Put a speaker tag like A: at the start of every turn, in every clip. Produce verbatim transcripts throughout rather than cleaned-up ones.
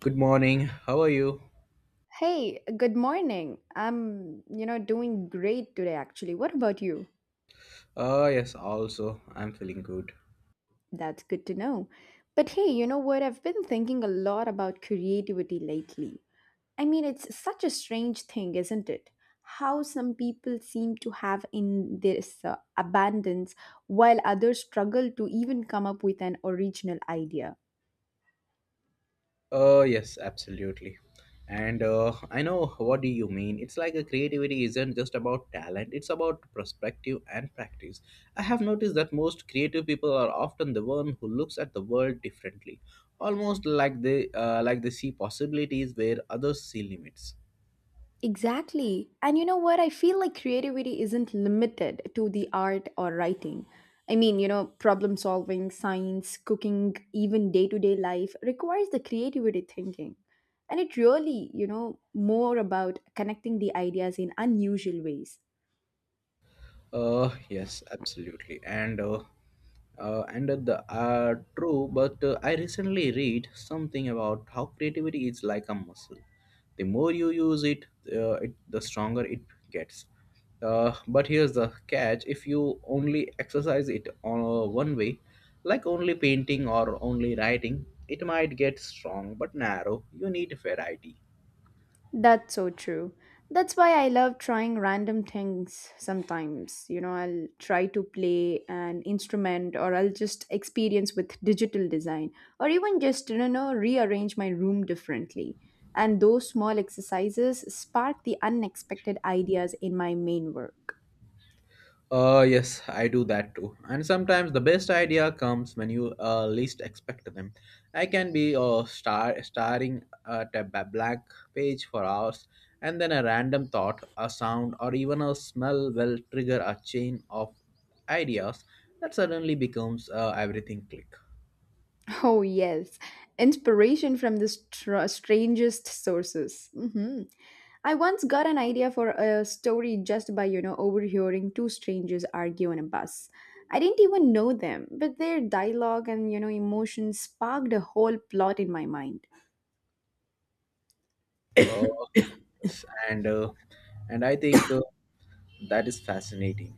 A: Good morning. How are you?
B: Hey, good morning. I'm, you know, doing great today actually. What about you?
A: Oh, yes, also. I'm feeling good.
B: That's good to know. But hey, you know what? I've been thinking a lot about creativity lately. I mean, it's such a strange thing, isn't it? How some people seem to have in this uh, abundance while others struggle to even come up with an original idea.
A: Oh, yes, absolutely. And uh, I know what do you mean. It's like a creativity isn't just about talent, it's about perspective and practice. I have noticed that most creative people are often the one who looks at the world differently, almost like they uh, like they see possibilities where others see limits.
B: Exactly. And you know what? I feel like creativity isn't limited to the art or writing. I mean, you know, problem solving, science, cooking, even day to day life requires the creativity thinking. And it really, you know, more about connecting the ideas in unusual ways.
A: Uh, yes, absolutely. And uh, uh, and uh, the uh, True, but uh, I recently read something about how creativity is like a muscle. The more you use it, uh, it the stronger it gets. Uh, but here's the catch: if you only exercise it on uh, one way, like only painting or only writing, it might get strong but narrow. You need variety.
B: That's so true. That's why I love trying random things sometimes. You know, I'll try to play an instrument, or I'll just experience with digital design or even just, you know, rearrange my room differently. And those small exercises spark the unexpected ideas in my main work.
A: Uh, yes, I do that too. And sometimes the best idea comes when you uh, least expect them. I can be uh, star- staring at a ba- blank page for hours, and then a random thought, a sound, or even a smell will trigger a chain of ideas that suddenly becomes uh, everything click.
B: Oh, yes. Inspiration from the str- strangest sources. Mhm. I once got an idea for a story just by, you know, overhearing two strangers argue on a bus. I didn't even know them, but their dialogue and, you know, emotions sparked a whole plot in my mind.
A: Uh, yes, and uh, and I think. Uh, That is fascinating.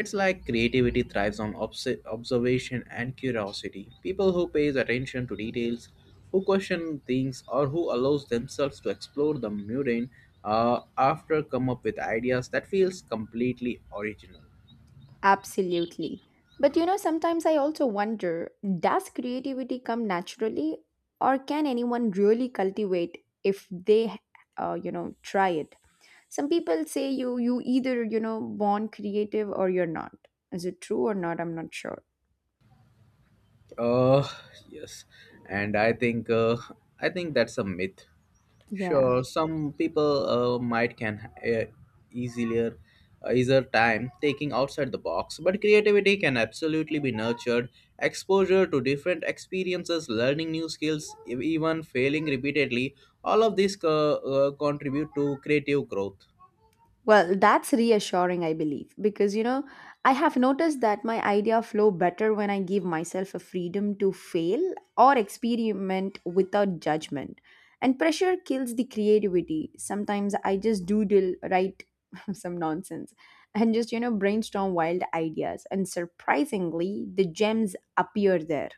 A: It's like creativity thrives on obs- observation and curiosity. People who pays attention to details, who question things, or who allows themselves to explore the mundane, uh, after come up with ideas that feels completely original.
B: Absolutely. But, you know, sometimes I also wonder, does creativity come naturally, or can anyone really cultivate if they, uh, you know, try it? Some people say you you either, you know, born creative or you're not. Is it true or not? I'm not sure.
A: Uh, yes, and I think uh, I think that's a myth.
B: Yeah.
A: Sure, some people uh, might can uh, easier uh, easier time taking outside the box, but creativity can absolutely be nurtured. Exposure to different experiences, learning new skills, e- even failing repeatedly, all of these co- uh, contribute to creative growth.
B: Well, that's reassuring, I believe, because you know, I have noticed that my idea flow better when I give myself a freedom to fail or experiment without judgment. And pressure kills the creativity. Sometimes I just doodle, write some nonsense, and just you know, brainstorm wild ideas. And surprisingly, the gems appear there.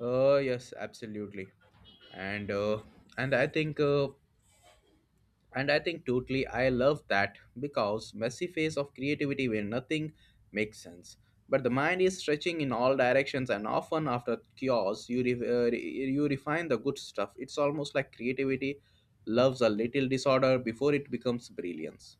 A: Uh, yes, absolutely, and uh, and I think. Uh, And I think totally I love that because messy phase of creativity where nothing makes sense. But the mind is stretching in all directions, and often after chaos, you re- uh, re- you refine the good stuff. It's almost like creativity loves a little disorder before it becomes brilliance.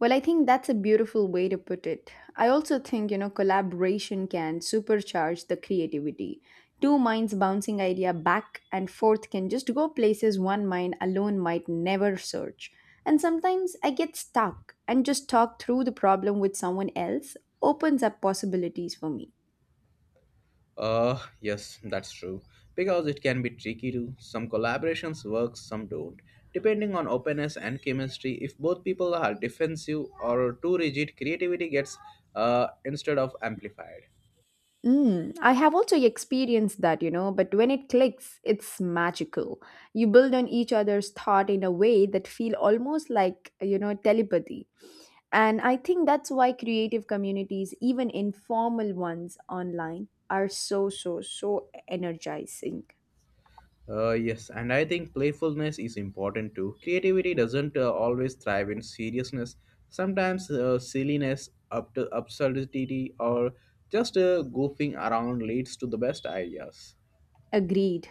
B: Well, I think that's a beautiful way to put it. I also think, you know, collaboration can supercharge the creativity. Two minds bouncing idea back and forth can just go places one mind alone might never search. And sometimes I get stuck and just talk through the problem with someone else opens up possibilities for me.
A: Uh, yes, that's true. Because it can be tricky too. Some collaborations work, some don't. Depending on openness and chemistry, if both people are defensive or too rigid, creativity gets uh, instead of amplified.
B: Mm, I have also experienced that, you know, but when it clicks, it's magical. You build on each other's thought in a way that feel almost like, you know, telepathy. And I think that's why creative communities, even informal ones online, are so, so, so energizing.
A: Uh, yes, and I think playfulness is important too. Creativity doesn't uh, always thrive in seriousness. Sometimes uh, silliness, up to absurdity, or just uh, goofing around leads to the best ideas.
B: Agreed.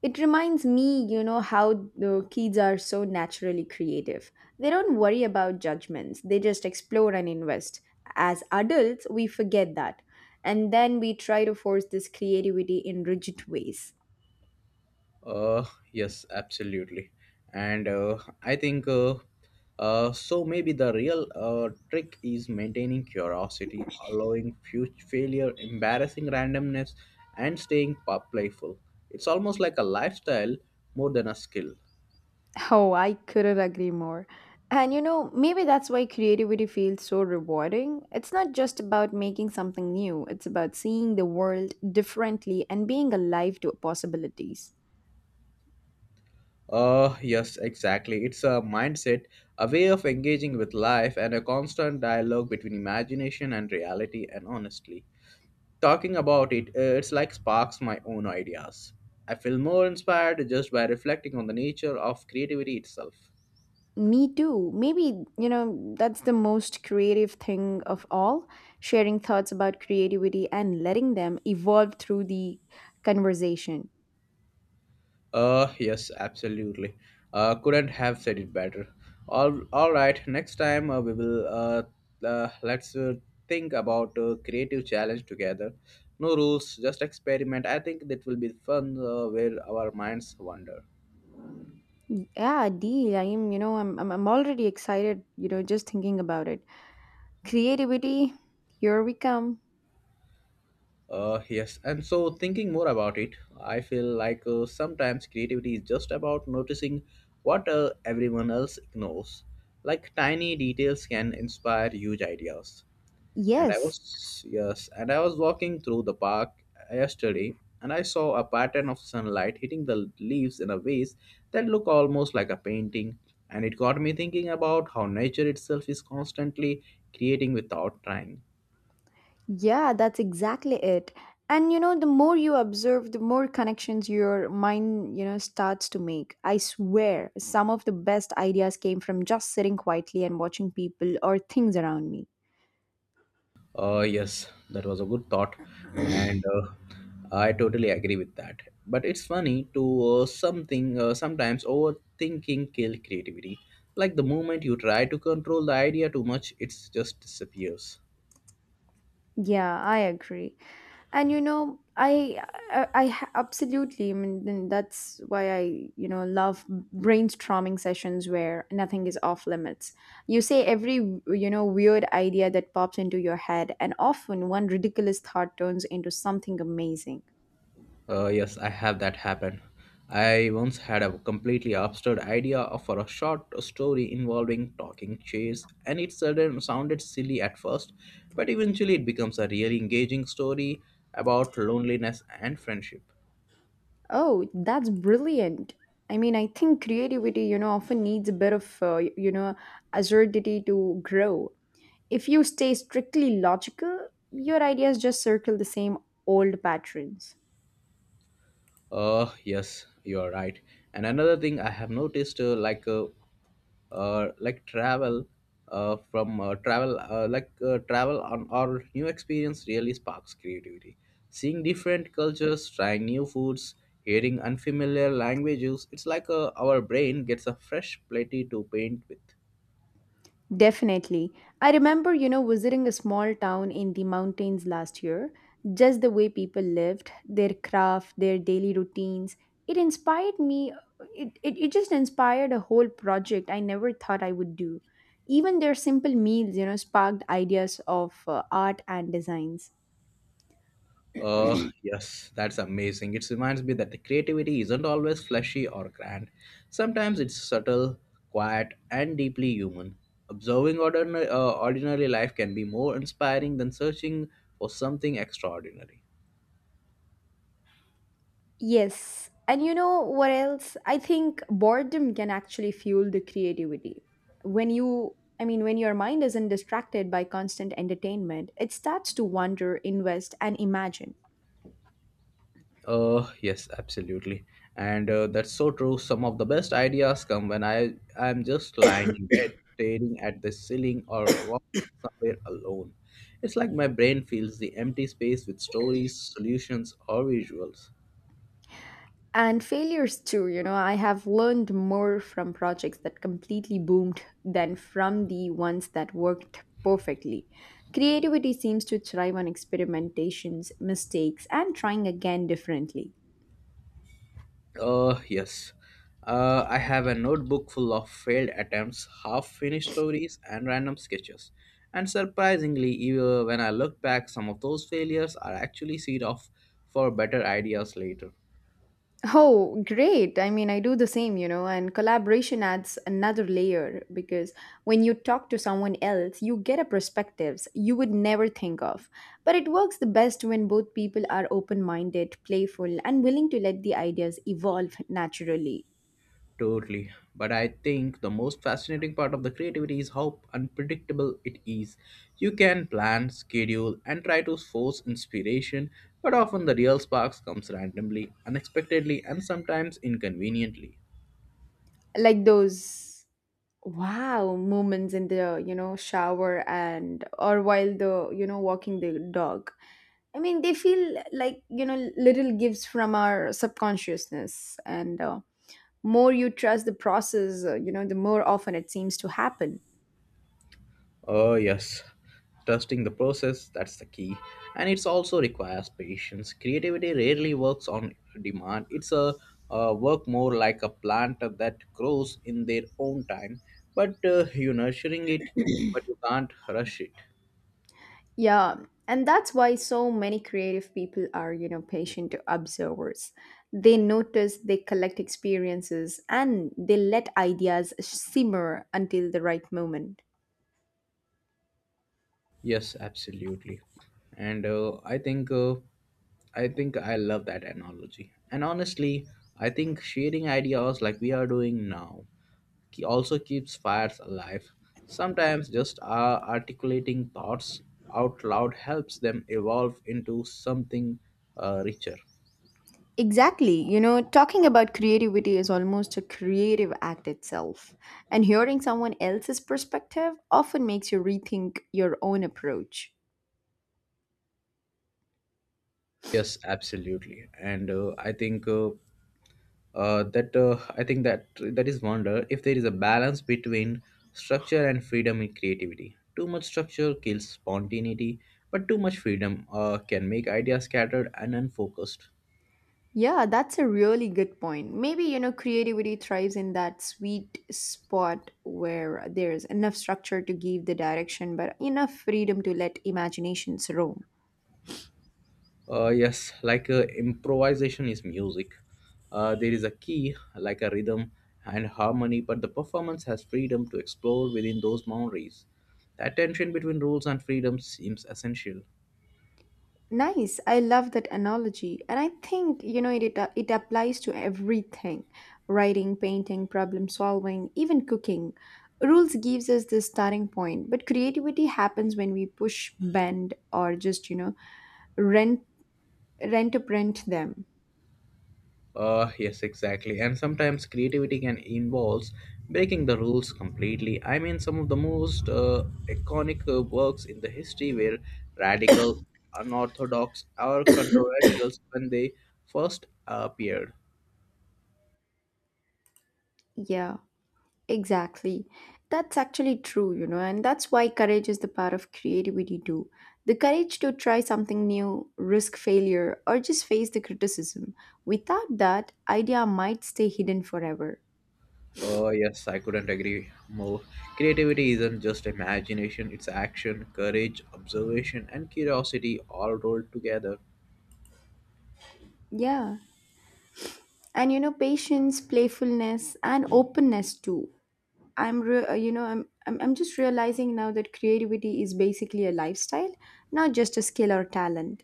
B: It reminds me, you know, how the kids are so naturally creative. They don't worry about judgments, they just explore and invest. As adults, we forget that. And then we try to force this creativity in rigid ways.
A: Uh, yes, absolutely. And uh, I think uh, uh, so. Maybe the real uh, trick is maintaining curiosity, allowing future failure, embarrassing randomness, and staying pa- playful. It's almost like a lifestyle more than a skill.
B: Oh, I couldn't agree more. And you know, maybe that's why creativity feels so rewarding. It's not just about making something new, it's about seeing the world differently and being alive to possibilities.
A: Uh, yes, exactly. It's a mindset, a way of engaging with life, and a constant dialogue between imagination and reality. And honestly, talking about it, uh, it's like sparks my own ideas. I feel more inspired just by reflecting on the nature of creativity itself.
B: Me too. Maybe, you know, that's the most creative thing of all, sharing thoughts about creativity and letting them evolve through the conversation.
A: Uh, yes, absolutely. Uh, couldn't have said it better. All, all right. Next time uh, we will uh, uh, let's uh, think about a creative challenge together. No rules, just experiment. I think that will be fun uh, where our minds wander.
B: Yeah, deal. I am, you know, I'm, I'm, I'm already excited, you know, just thinking about it. Creativity, here we come.
A: Uh, yes, and so thinking more about it, I feel like uh, sometimes creativity is just about noticing what uh, everyone else ignores. Like tiny details can inspire huge ideas. And I
B: Yes,
A: was, yes, and I was walking through the park yesterday and I saw a pattern of sunlight hitting the leaves in a ways that look almost like a painting. And it got me thinking about how nature itself is constantly creating without trying.
B: yeah, that's exactly it. And you know, the more you observe, the more connections your mind, you know, starts to make. I swear, some of the best ideas came from just sitting quietly and watching people or things around me.
A: Uh, yes, that was a good thought, and uh, I totally agree with that. But it's funny to uh, something uh, sometimes overthinking kill creativity. Like the moment you try to control the idea too much, it just disappears.
B: Yeah, I agree. And you know, I, I, I ha- absolutely, I mean, then That's why I, you know, love brainstorming sessions where nothing is off limits. You say every, you know, weird idea that pops into your head, and often one ridiculous thought turns into something amazing.
A: Uh, yes, I have that happen. I once had a completely absurd idea for a short story involving talking chairs, and it sudden sounded silly at first, but eventually it becomes a really engaging story about loneliness and friendship.
B: Oh, that's brilliant. I mean, I think creativity, you know, often needs a bit of, uh, you know, absurdity to grow. If you stay strictly logical, your ideas just circle the same old patterns.
A: Uh, yes, you are right. And another thing I have noticed, uh, like, uh, uh, like travel, uh, from uh, travel, uh, like uh, travel on our new experience really sparks creativity. Seeing different cultures, trying new foods, hearing unfamiliar languages, it's like uh, our brain gets a fresh plate to paint with.
B: Definitely. I remember, you know, visiting a small town in the mountains last year. Just the way people lived, their craft, their daily routines. It inspired me. It, it, it just inspired a whole project I never thought I would do. Even their simple meals, you know, sparked ideas of uh, art and designs.
A: Uh, yes, that's amazing. It reminds me that the creativity isn't always flashy or grand. Sometimes it's subtle, quiet, and deeply human. Observing ordinary, uh, ordinary life can be more inspiring than searching for something extraordinary.
B: Yes. And you know what else? I think boredom can actually fuel the creativity. When you, I mean, when your mind isn't distracted by constant entertainment, it starts to wonder, invest, and imagine.
A: Uh, yes, absolutely. And uh, That's so true. Some of the best ideas come when I I'm just lying in bed, staring at the ceiling or walking somewhere alone. It's like my brain fills the empty space with stories, solutions, or visuals.
B: And failures too, you know, I have learned more from projects that completely boomed than from the ones that worked perfectly. Creativity seems to thrive on experimentations, mistakes, and trying again differently.
A: Uh, yes. Uh, I have a notebook full of failed attempts, half finished stories, and random sketches. And surprisingly, even when I look back, some of those failures are actually seed off for better ideas later.
B: Oh, great. I mean, I do the same, you know, and collaboration adds another layer because when you talk to someone else, you get a perspectives you would never think of. But it works the best when both people are open-minded, playful, and willing to let the ideas evolve naturally.
A: Totally. But I think the most fascinating part of the creativity is how unpredictable it is. You can plan, schedule, and try to force inspiration, but often the real sparks comes randomly, unexpectedly, and sometimes inconveniently.
B: Like those wow moments in the, you know, shower and or while the, you know, walking the dog. I mean, they feel like, you know, little gifts from our subconsciousness, and uh, more you trust the process, uh, you know, the more often it seems to happen.
A: Oh, yes. Trusting the process, that's the key. And it's also requires patience. Creativity rarely works on demand. It's a, uh work more like a plant that grows in their own time, but uh, you're nurturing it, but you can't rush it.
B: Yeah, and that's why so many creative people are, you know, patient observers. They notice, they collect experiences, and they let ideas simmer until the right moment.
A: Yes, absolutely. And uh, I think uh, I think I love that analogy. And honestly, I think sharing ideas like we are doing now he also keeps fires alive. Sometimes just uh, articulating thoughts out loud helps them evolve into something uh, richer.
B: Exactly. You know, talking about creativity is almost a creative act itself. And hearing someone else's perspective often makes you rethink your own approach.
A: Yes, absolutely. And uh, I think uh, uh, that uh, I think that that is wonder if there is a balance between structure and freedom in creativity. Too much structure kills spontaneity, but too much freedom uh, can make ideas scattered and unfocused.
B: Yeah, that's a really good point. Maybe, you know, creativity thrives in that sweet spot where there's enough structure to give the direction, but enough freedom to let imaginations roam.
A: Uh, yes, like uh, improvisation is music. Uh, there is a key, like a rhythm and harmony, but the performance has freedom to explore within those boundaries. That tension between rules and freedom seems essential.
B: Nice. I love that analogy. And I think, you know, it, it, uh, it applies to everything: writing, painting, problem solving, even cooking. Rules gives us the starting point, but creativity happens when we push, bend, or just, you know, rent, rent to print them.
A: Uh, yes, exactly. And sometimes creativity can involves breaking the rules completely. I mean, some of the most uh, iconic uh, works in the history were radical, unorthodox, or controversial when they first appeared.
B: Yeah. Exactly. That's actually true, you know, and that's why courage is the part of creativity too. The courage to try something new, risk failure, or just face the criticism. Without that, idea might stay hidden forever.
A: Oh, yes, I couldn't agree more. Creativity isn't just imagination, it's action, courage, observation, and curiosity all rolled together.
B: Yeah. And you know, patience, playfulness, and openness too. I'm re- uh, you know, I'm, I'm I'm just realizing now that creativity is basically a lifestyle, not just a skill or talent.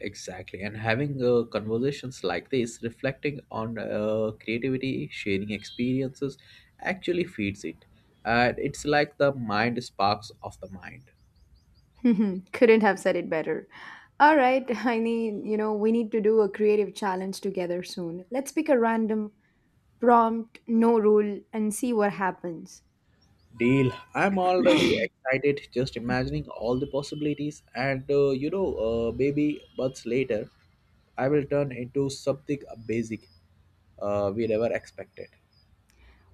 A: Exactly. And having uh, conversations like this, reflecting on uh, creativity, sharing experiences, actually feeds it. And it's like the mind sparks of the mind.
B: Couldn't have said it better. All right, I need, you know, we need to do a creative challenge together soon. Let's pick a random prompt, no rule, and see what happens.
A: Deal. I'm already excited just imagining all the possibilities. And uh, you know, uh, maybe months later, I will turn into something basic uh, we never expected.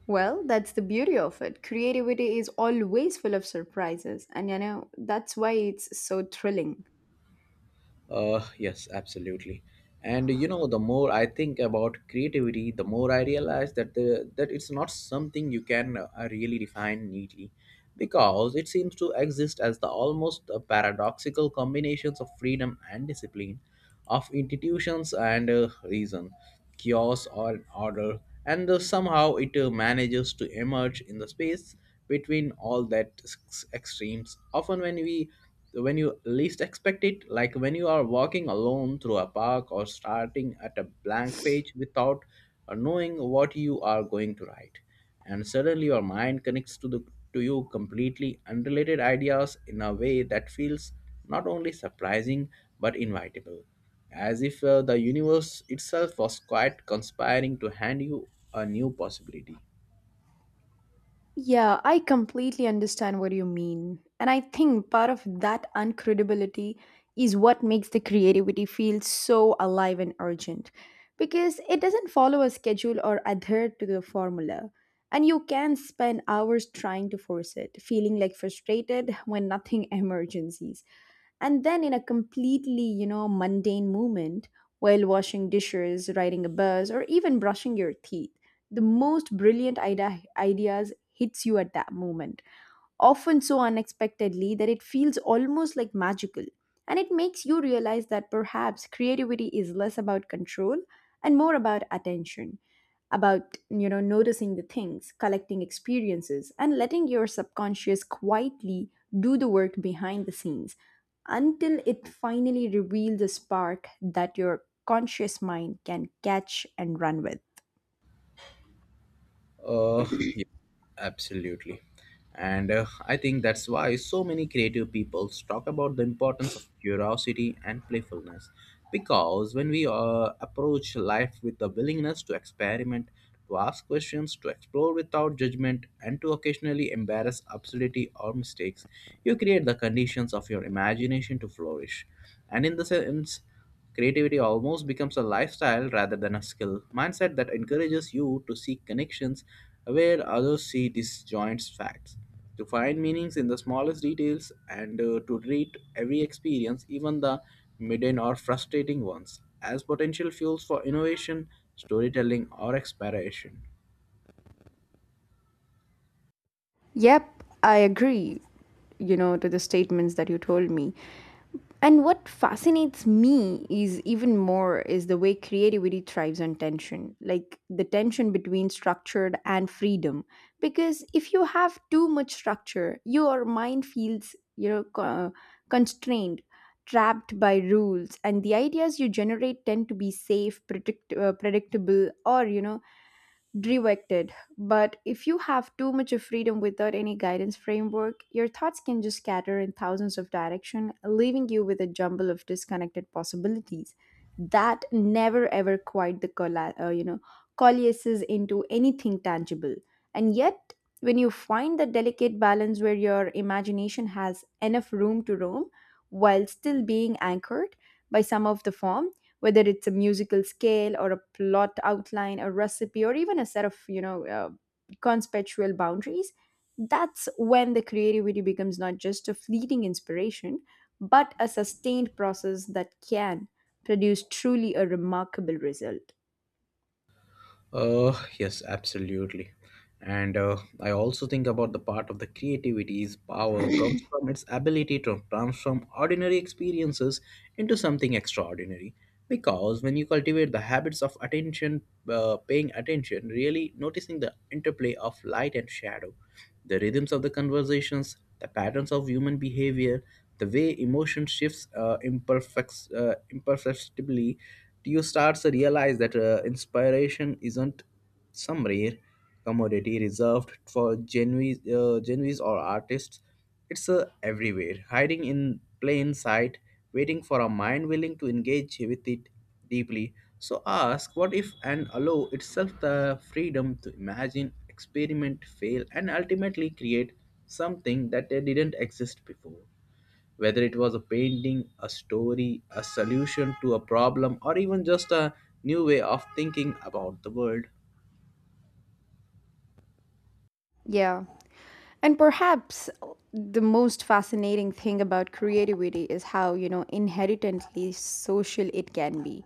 B: Well, that's the beauty of it. Creativity is always full of surprises, and you know, that's why it's so thrilling.
A: Uh, yes, absolutely. And you know, the more I think about creativity, the more I realize that the that it's not something you can uh, really define neatly, because it seems to exist as the almost uh, paradoxical combinations of freedom and discipline, of institutions and uh, reason chaos or order, and uh, somehow it uh, manages to emerge in the space between all that s- extremes. Often, when we when you least expect it, like when you are walking alone through a park or starting at a blank page without uh, knowing what you are going to write, and suddenly your mind connects to the to you completely unrelated ideas in a way that feels not only surprising but inevitable, as if uh, the universe itself was quite conspiring to hand you a new possibility.
B: Yeah, I completely understand what you mean. And I think part of that uncredibility is what makes the creativity feel so alive and urgent, because it doesn't follow a schedule or adhere to the formula. And you can spend hours trying to force it, feeling like frustrated when nothing emergencies. And then, in a completely, you know, mundane moment, while washing dishes, riding a bus, or even brushing your teeth, the most brilliant ide- ideas hits you at that moment, often so unexpectedly that it feels almost like magical. And it makes you realize that perhaps creativity is less about control and more about attention, about, you know, noticing the things, collecting experiences, and letting your subconscious quietly do the work behind the scenes until it finally reveals a spark that your conscious mind can catch and run with.
A: Uh, yeah, absolutely. And uh, I think that's why so many creative peoples talk about the importance of curiosity and playfulness. Because when we uh, approach life with the willingness to experiment, to ask questions, to explore without judgment, and to occasionally embarrass absurdity or mistakes, you create the conditions of your imagination to flourish. And in the sense, creativity almost becomes a lifestyle rather than a skill mindset that encourages you to seek connections where others see disjoint facts, to find meanings in the smallest details, and uh, to treat every experience, even the mundane or frustrating ones, as potential fuels for innovation, storytelling, or exploration.
B: Yep, I agree, you know, to the statements that you told me. And what fascinates me is even more is the way creativity thrives on tension, like the tension between structured and freedom. Because if you have too much structure, your mind feels, you know, co- constrained, trapped by rules, and the ideas you generate tend to be safe, predict- uh, predictable, or you know, directed. But if you have too much of freedom without any guidance framework, your thoughts can just scatter in thousands of directions, leaving you with a jumble of disconnected possibilities that never ever quite the colla- uh, you know, coalesces into anything tangible. And yet, when you find the delicate balance where your imagination has enough room to roam while still being anchored by some of the forms, whether it's a musical scale or a plot outline, a recipe, or even a set of, you know, uh, conceptual boundaries, that's when the creativity becomes not just a fleeting inspiration, but a sustained process that can produce truly a remarkable result.
A: Uh, yes, absolutely. And uh, I also think about the part of the creativity's power comes from its ability to transform ordinary experiences into something extraordinary. Because when you cultivate the habits of attention, uh, paying attention, really noticing the interplay of light and shadow, the rhythms of the conversations, the patterns of human behavior, the way emotion shifts uh, imperfect, uh, imperceptibly, you start to realize that uh, inspiration isn't some rare commodity reserved for genuine, uh, genuine or artists. It's uh, everywhere, hiding in plain sight, waiting for a mind willing to engage with it deeply. So ask what if and allow itself the freedom to imagine, experiment, fail, and ultimately create something that uh, didn't exist before. Whether it was a painting, a story, a solution to a problem, or even just a new way of thinking about the world.
B: Yeah. And perhaps the most fascinating thing about creativity is how, you know, inherently social it can be.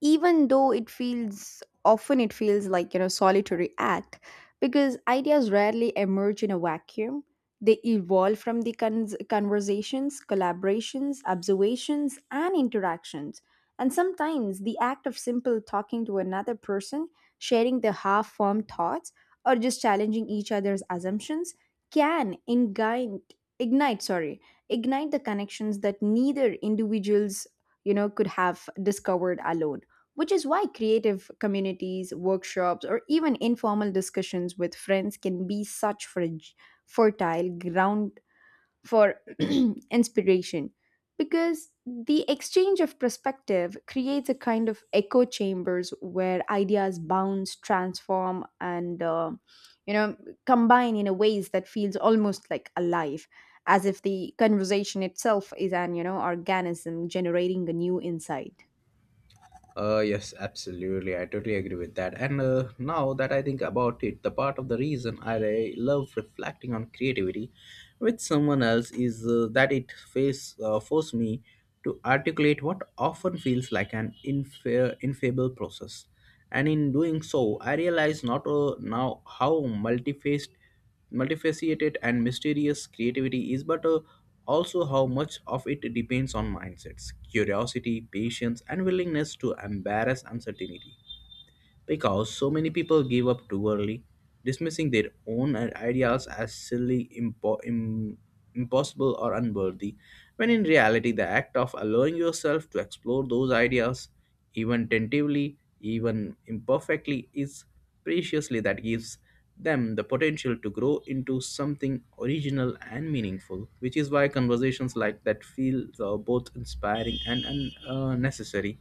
B: Even though it feels, often it feels like, you know, solitary act, because ideas rarely emerge in a vacuum. They evolve from the cons- conversations, collaborations, observations, and interactions. And sometimes the act of simple talking to another person, sharing the half formed thoughts, or just challenging each other's assumptions can ignite ignite sorry ignite the connections that neither individuals you know could have discovered alone, which is why creative communities, workshops, or even informal discussions with friends can be such fer- fertile ground for inspiration, because the exchange of perspective creates a kind of echo chambers where ideas bounce, transform, and uh, you know combine in a ways that feels almost like alive, as if the conversation itself is an you know organism generating a new insight.
A: Uh, yes, absolutely. I totally agree with that. And uh, Now that I think about it, the part of the reason I re- love reflecting on creativity with someone else is uh, that it face, uh, forced me to articulate what often feels like an infa- infallible process. And in doing so, I realize not uh, now how multifaced multifaceted and mysterious creativity is, but uh, also how much of it depends on mindsets, curiosity, patience, and willingness to embrace uncertainty because so many people give up too early, dismissing their own i- ideas as silly, impo- im- impossible, or unworthy, when in reality, the act of allowing yourself to explore those ideas, even tentatively, even imperfectly, is preciously that gives them the potential to grow into something original and meaningful, which is why conversations like that feel uh, both inspiring and un- uh, necessary.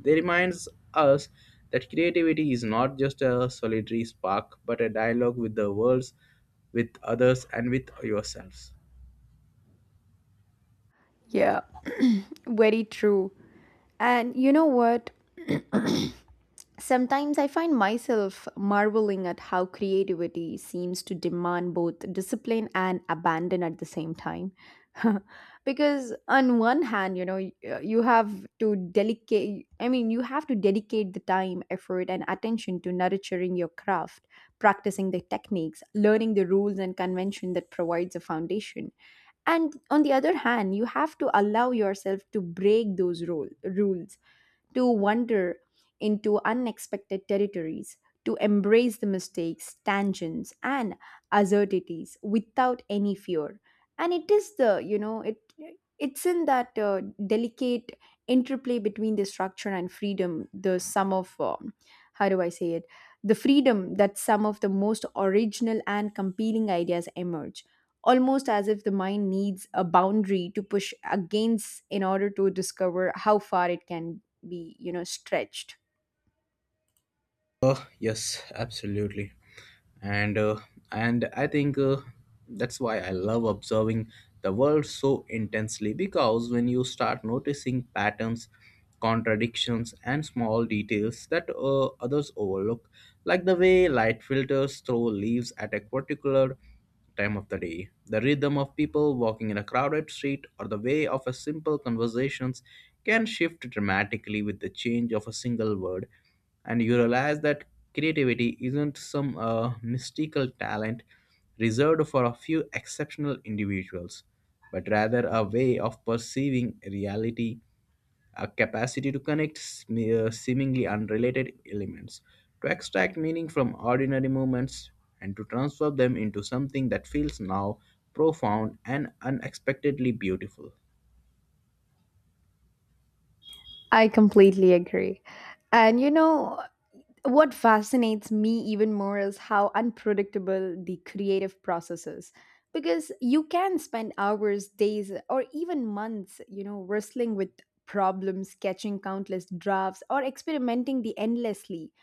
A: They reminds us that creativity is not just a solitary spark, but a dialogue with the world, with others, and with yourselves.
B: Yeah, very true. And you know what? Sometimes I find myself marveling at how creativity seems to demand both discipline and abandon at the same time. Because on one hand, you know, y- uh, you have to dedicate I mean, you have to dedicate the time, effort and attention to nurturing your craft, practicing the techniques, learning the rules and convention that provides a foundation. And on the other hand, you have to allow yourself to break those rule, rules, to wander into unexpected territories, to embrace the mistakes, tangents, and absurdities without any fear. And it is the, you know, it it's in that uh, delicate interplay between the structure and freedom, the sum of, um, how do I say it, the freedom that some of the most original and compelling ideas emerge, almost as if the mind needs a boundary to push against in order to discover how far it can be, you know stretched.
A: Uh, yes, absolutely, and uh, and I think uh, that's why I love observing the world so intensely because when you start noticing patterns, contradictions, and small details that uh, others overlook, like the way light filters through leaves at a particular time of the day, the rhythm of people walking in a crowded street, or the way of a simple conversations can shift dramatically with the change of a single word. And you realize that creativity isn't some uh, mystical talent reserved for a few exceptional individuals, but rather a way of perceiving reality a capacity to connect sm- uh, seemingly unrelated elements, to extract meaning from ordinary moments, and to transform them into something that feels now profound and unexpectedly beautiful.
B: I completely agree. And you know, what fascinates me even more is how unpredictable the creative process is. Because you can spend hours, days, or even months, you know, wrestling with problems, sketching countless drafts, or experimenting the endlessly,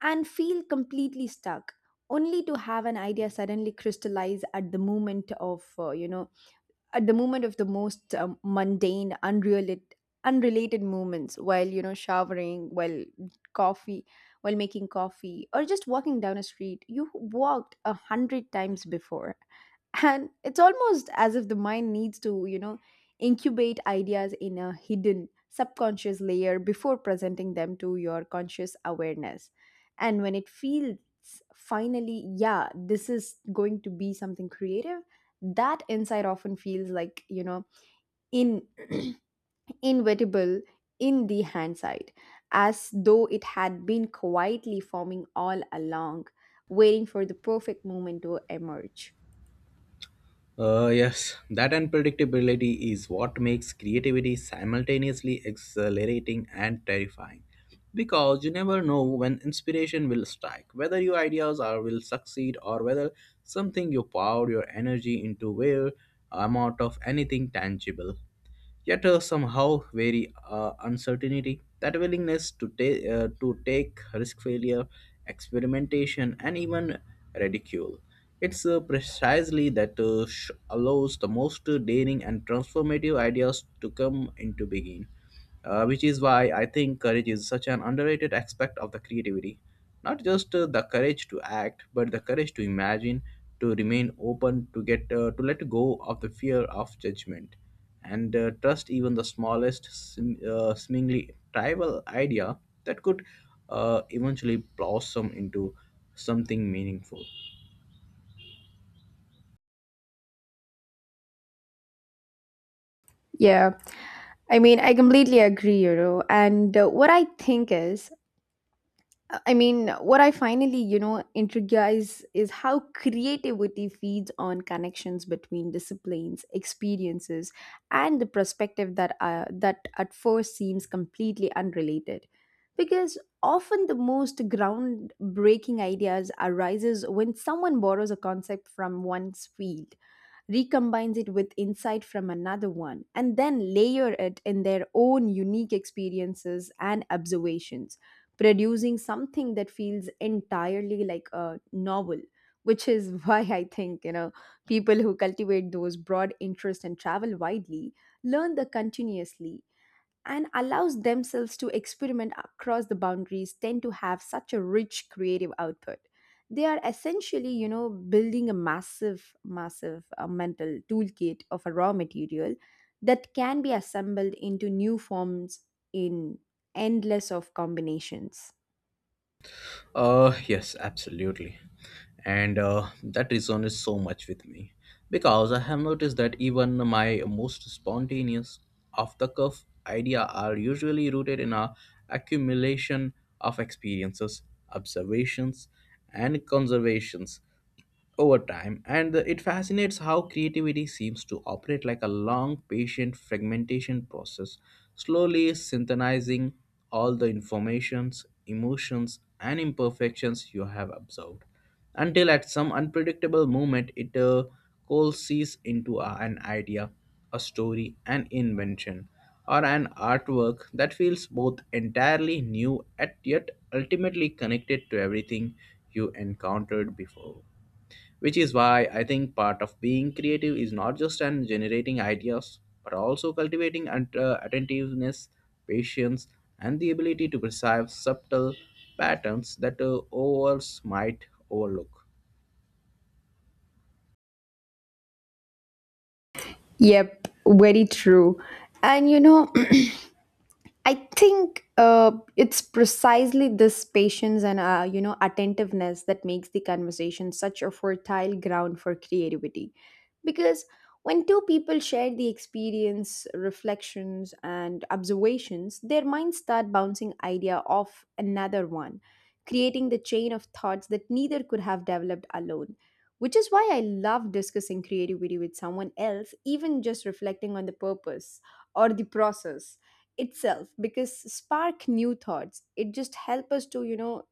B: and feel completely stuck, only to have an idea suddenly crystallize at the moment of uh, you know at the moment of the most um, mundane, unrelated unrelated moments, while you know showering, while coffee while making coffee, or just walking down a street you walked a hundred times before. And it's almost as if the mind needs to, you know incubate ideas in a hidden subconscious layer before presenting them to your conscious awareness. And when it feels finally, yeah, this is going to be something creative, that insight often feels like, you know in inevitable in the hand side, as though it had been quietly forming all along, waiting for the perfect moment to emerge.
A: Uh, yes, that unpredictability is what makes creativity simultaneously exhilarating and terrifying. Because you never know when inspiration will strike, whether your ideas are will succeed or whether something you poured your energy into will amount of anything tangible yet uh, somehow very uh, uncertainty. That willingness to, ta- uh, to take risk failure, experimentation, and even ridicule. It's uh, precisely that uh, sh- allows the most daring and transformative ideas to come into being uh, which is why I think courage is such an underrated aspect of the creativity. Not just uh, the courage to act, but the courage to imagine, to remain open, to get uh, to let go of the fear of judgment, and uh, trust even the smallest, sim- uh, seemingly trivial idea that could uh, eventually blossom into something meaningful.
B: Yeah, I mean, I completely agree, you know. And uh, what I think is, Uh, I mean, what I finally, you know, intrigues is how creativity feeds on connections between disciplines, experiences, and the perspective that uh, that at first seems completely unrelated. Because often the most groundbreaking ideas arises when someone borrows a concept from one's field, recombines it with insight from another one, and then layer it in their own unique experiences and observations, producing something that feels entirely like a novel. Which is why I think, you know, people who cultivate those broad interests and travel widely, learn the continuously, and allows themselves to experiment across the boundaries tend to have such a rich creative output. They are essentially, you know, building a massive massive uh, mental toolkit of a raw material that can be assembled into new forms in endless of combinations.
A: Uh, yes, absolutely. And uh, That resonates so much with me because I have noticed that even my most spontaneous, off the cuff idea are usually rooted in a accumulation of experiences, observations, and conservations over time and it fascinates how creativity seems to operate like a long patient fragmentation process slowly synthesizing all the informations emotions and imperfections you have observed until at some unpredictable moment it uh, coalesces into a- an idea a story an invention or an artwork that feels both entirely new and yet ultimately connected to everything you encountered before which is why I think part of being creative is not just an generating ideas, but also cultivating and, uh, attentiveness, patience, and the ability to perceive subtle patterns that uh, others might overlook.
B: Yep, very true. And you know, I think, uh, it's precisely this patience and, uh, you know, attentiveness that makes the conversation such a fertile ground for creativity, because when two people share the experience, reflections, and observations, their minds start bouncing idea off another one, creating the chain of thoughts that neither could have developed alone. Which is why I love discussing creativity with someone else, even just reflecting on the purpose or the process itself, because spark new thoughts, it just help us to, you know,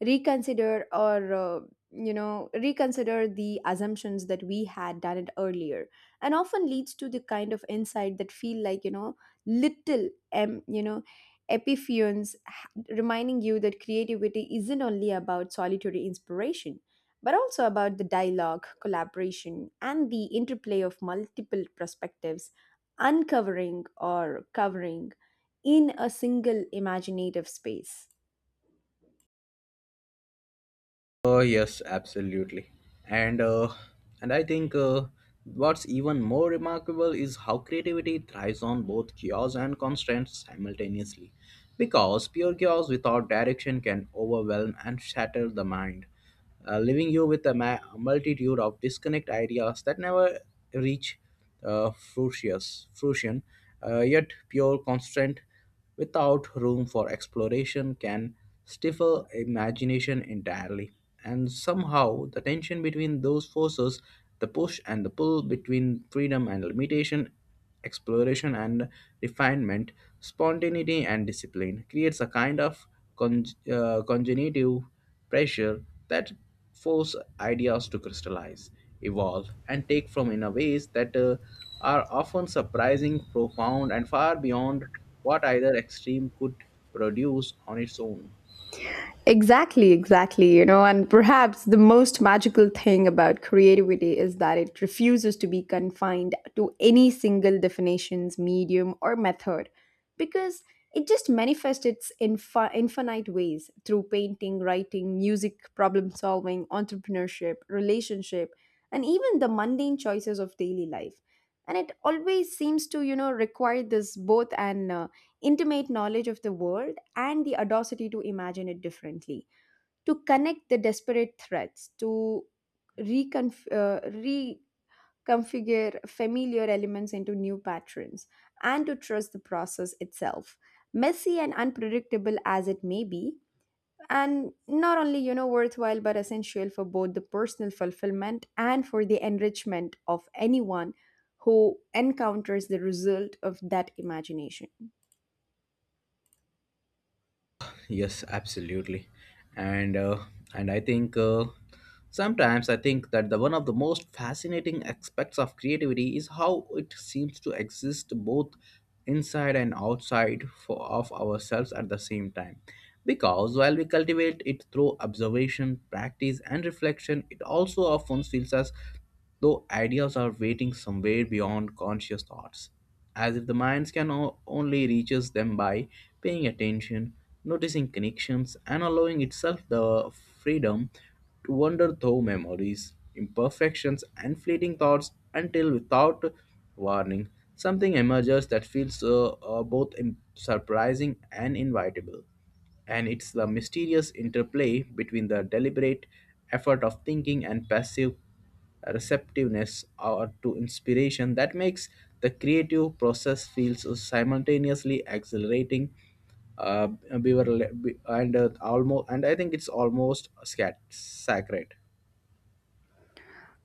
B: reconsider, or uh, you know reconsider the assumptions that we had done it earlier, and often leads to the kind of insight that feel like, you know little, um, you know epiphenes h- reminding you that creativity isn't only about solitary inspiration, but also about the dialogue, collaboration, and the interplay of multiple perspectives, uncovering or covering in a single imaginative space.
A: Uh, yes, absolutely. And uh, and I think uh, what's even more remarkable is how creativity thrives on both chaos and constraints simultaneously. Because pure chaos without direction can overwhelm and shatter the mind, uh, leaving you with a ma- multitude of disconnect ideas that never reach uh, fruition. fruition. Uh, yet pure constraint without room for exploration can stifle imagination entirely. And somehow, the tension between those forces, the push and the pull between freedom and limitation, exploration and refinement, spontaneity and discipline, creates a kind of con- uh, congenitive pressure that force ideas to crystallize, evolve, and take form in a ways that uh, are often surprising, profound, and far beyond what either extreme could produce on its own.
B: Exactly, exactly. You know, and perhaps the most magical thing about creativity is that it refuses to be confined to any single definitions, medium, or method, because it just manifests its infi- infinite ways through painting, writing, music, problem solving, entrepreneurship, relationship, and even the mundane choices of daily life. And it always seems to, you know, require this both and intimate knowledge of the world and the audacity to imagine it differently, to connect the desperate threads, to reconf- uh, reconfigure familiar elements into new patterns, and to trust the process itself. Messy and unpredictable as it may be, and not only, you know, worthwhile but essential for both the personal fulfillment and for the enrichment of anyone who encounters the result of that imagination.
A: Yes, absolutely. And uh, and I think uh, sometimes I think that the one of the most fascinating aspects of creativity is how it seems to exist both inside and outside for, of ourselves at the same time. Because while we cultivate it through observation, practice, and reflection, it also often feels as though ideas are waiting somewhere beyond conscious thoughts. As if the minds can o- only reaches them by paying attention, noticing connections, and allowing itself the freedom to wander through memories, imperfections, and fleeting thoughts until without warning, something emerges that feels uh, uh, both im- surprising and invitable and it's the mysterious interplay between the deliberate effort of thinking and passive receptiveness or to inspiration that makes the creative process feels simultaneously exhilarating uh, bewar- be- and uh, almost and i think it's almost scat- sacred.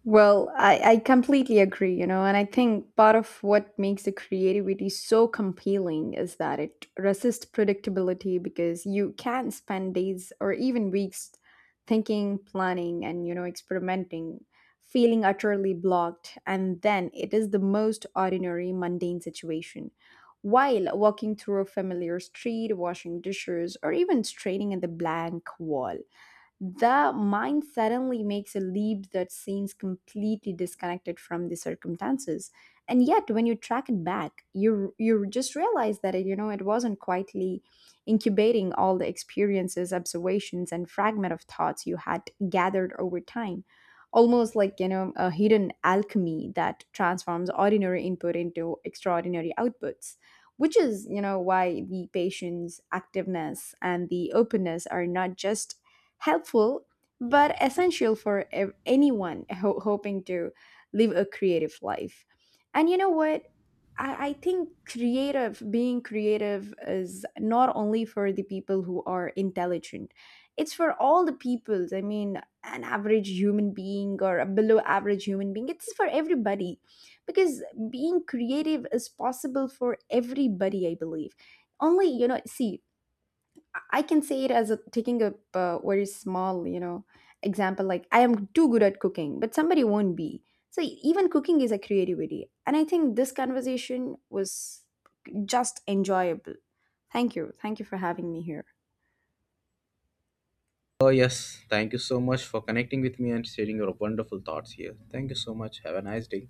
B: Well, I, I completely agree, you know, and I think part of what makes the creativity so compelling is that it resists predictability, because you can spend days or even weeks thinking, planning, and, you know, experimenting, feeling utterly blocked. And then it is the most ordinary, mundane situation. While walking through a familiar street, washing dishes, or even straining at the blank wall, the mind suddenly makes a leap that seems completely disconnected from the circumstances. And yet when you track it back, you you just realize that it, you know, it wasn't quietly incubating all the experiences, observations, and fragment of thoughts you had gathered over time, almost like, you know, a hidden alchemy that transforms ordinary input into extraordinary outputs. Which is, you know, why the patience, activeness, and the openness are not just helpful but essential for ev- anyone ho- hoping to live a creative life. And you know what? I, I think creative, being creative, is not only for the people who are intelligent, it's for all the people. I mean, an average human being or a below average human being, it's for everybody, because being creative is possible for everybody, I believe. Only, you know, see, I can say it as a, taking a uh, very small, you know, example. Like I am too good at cooking, but somebody won't be. So e, even cooking is a creativity, and I think this conversation was just enjoyable. Thank you, thank you for having me here.
A: Oh yes, thank you so much for connecting with me and sharing your wonderful thoughts here. Thank you so much. Have a nice day.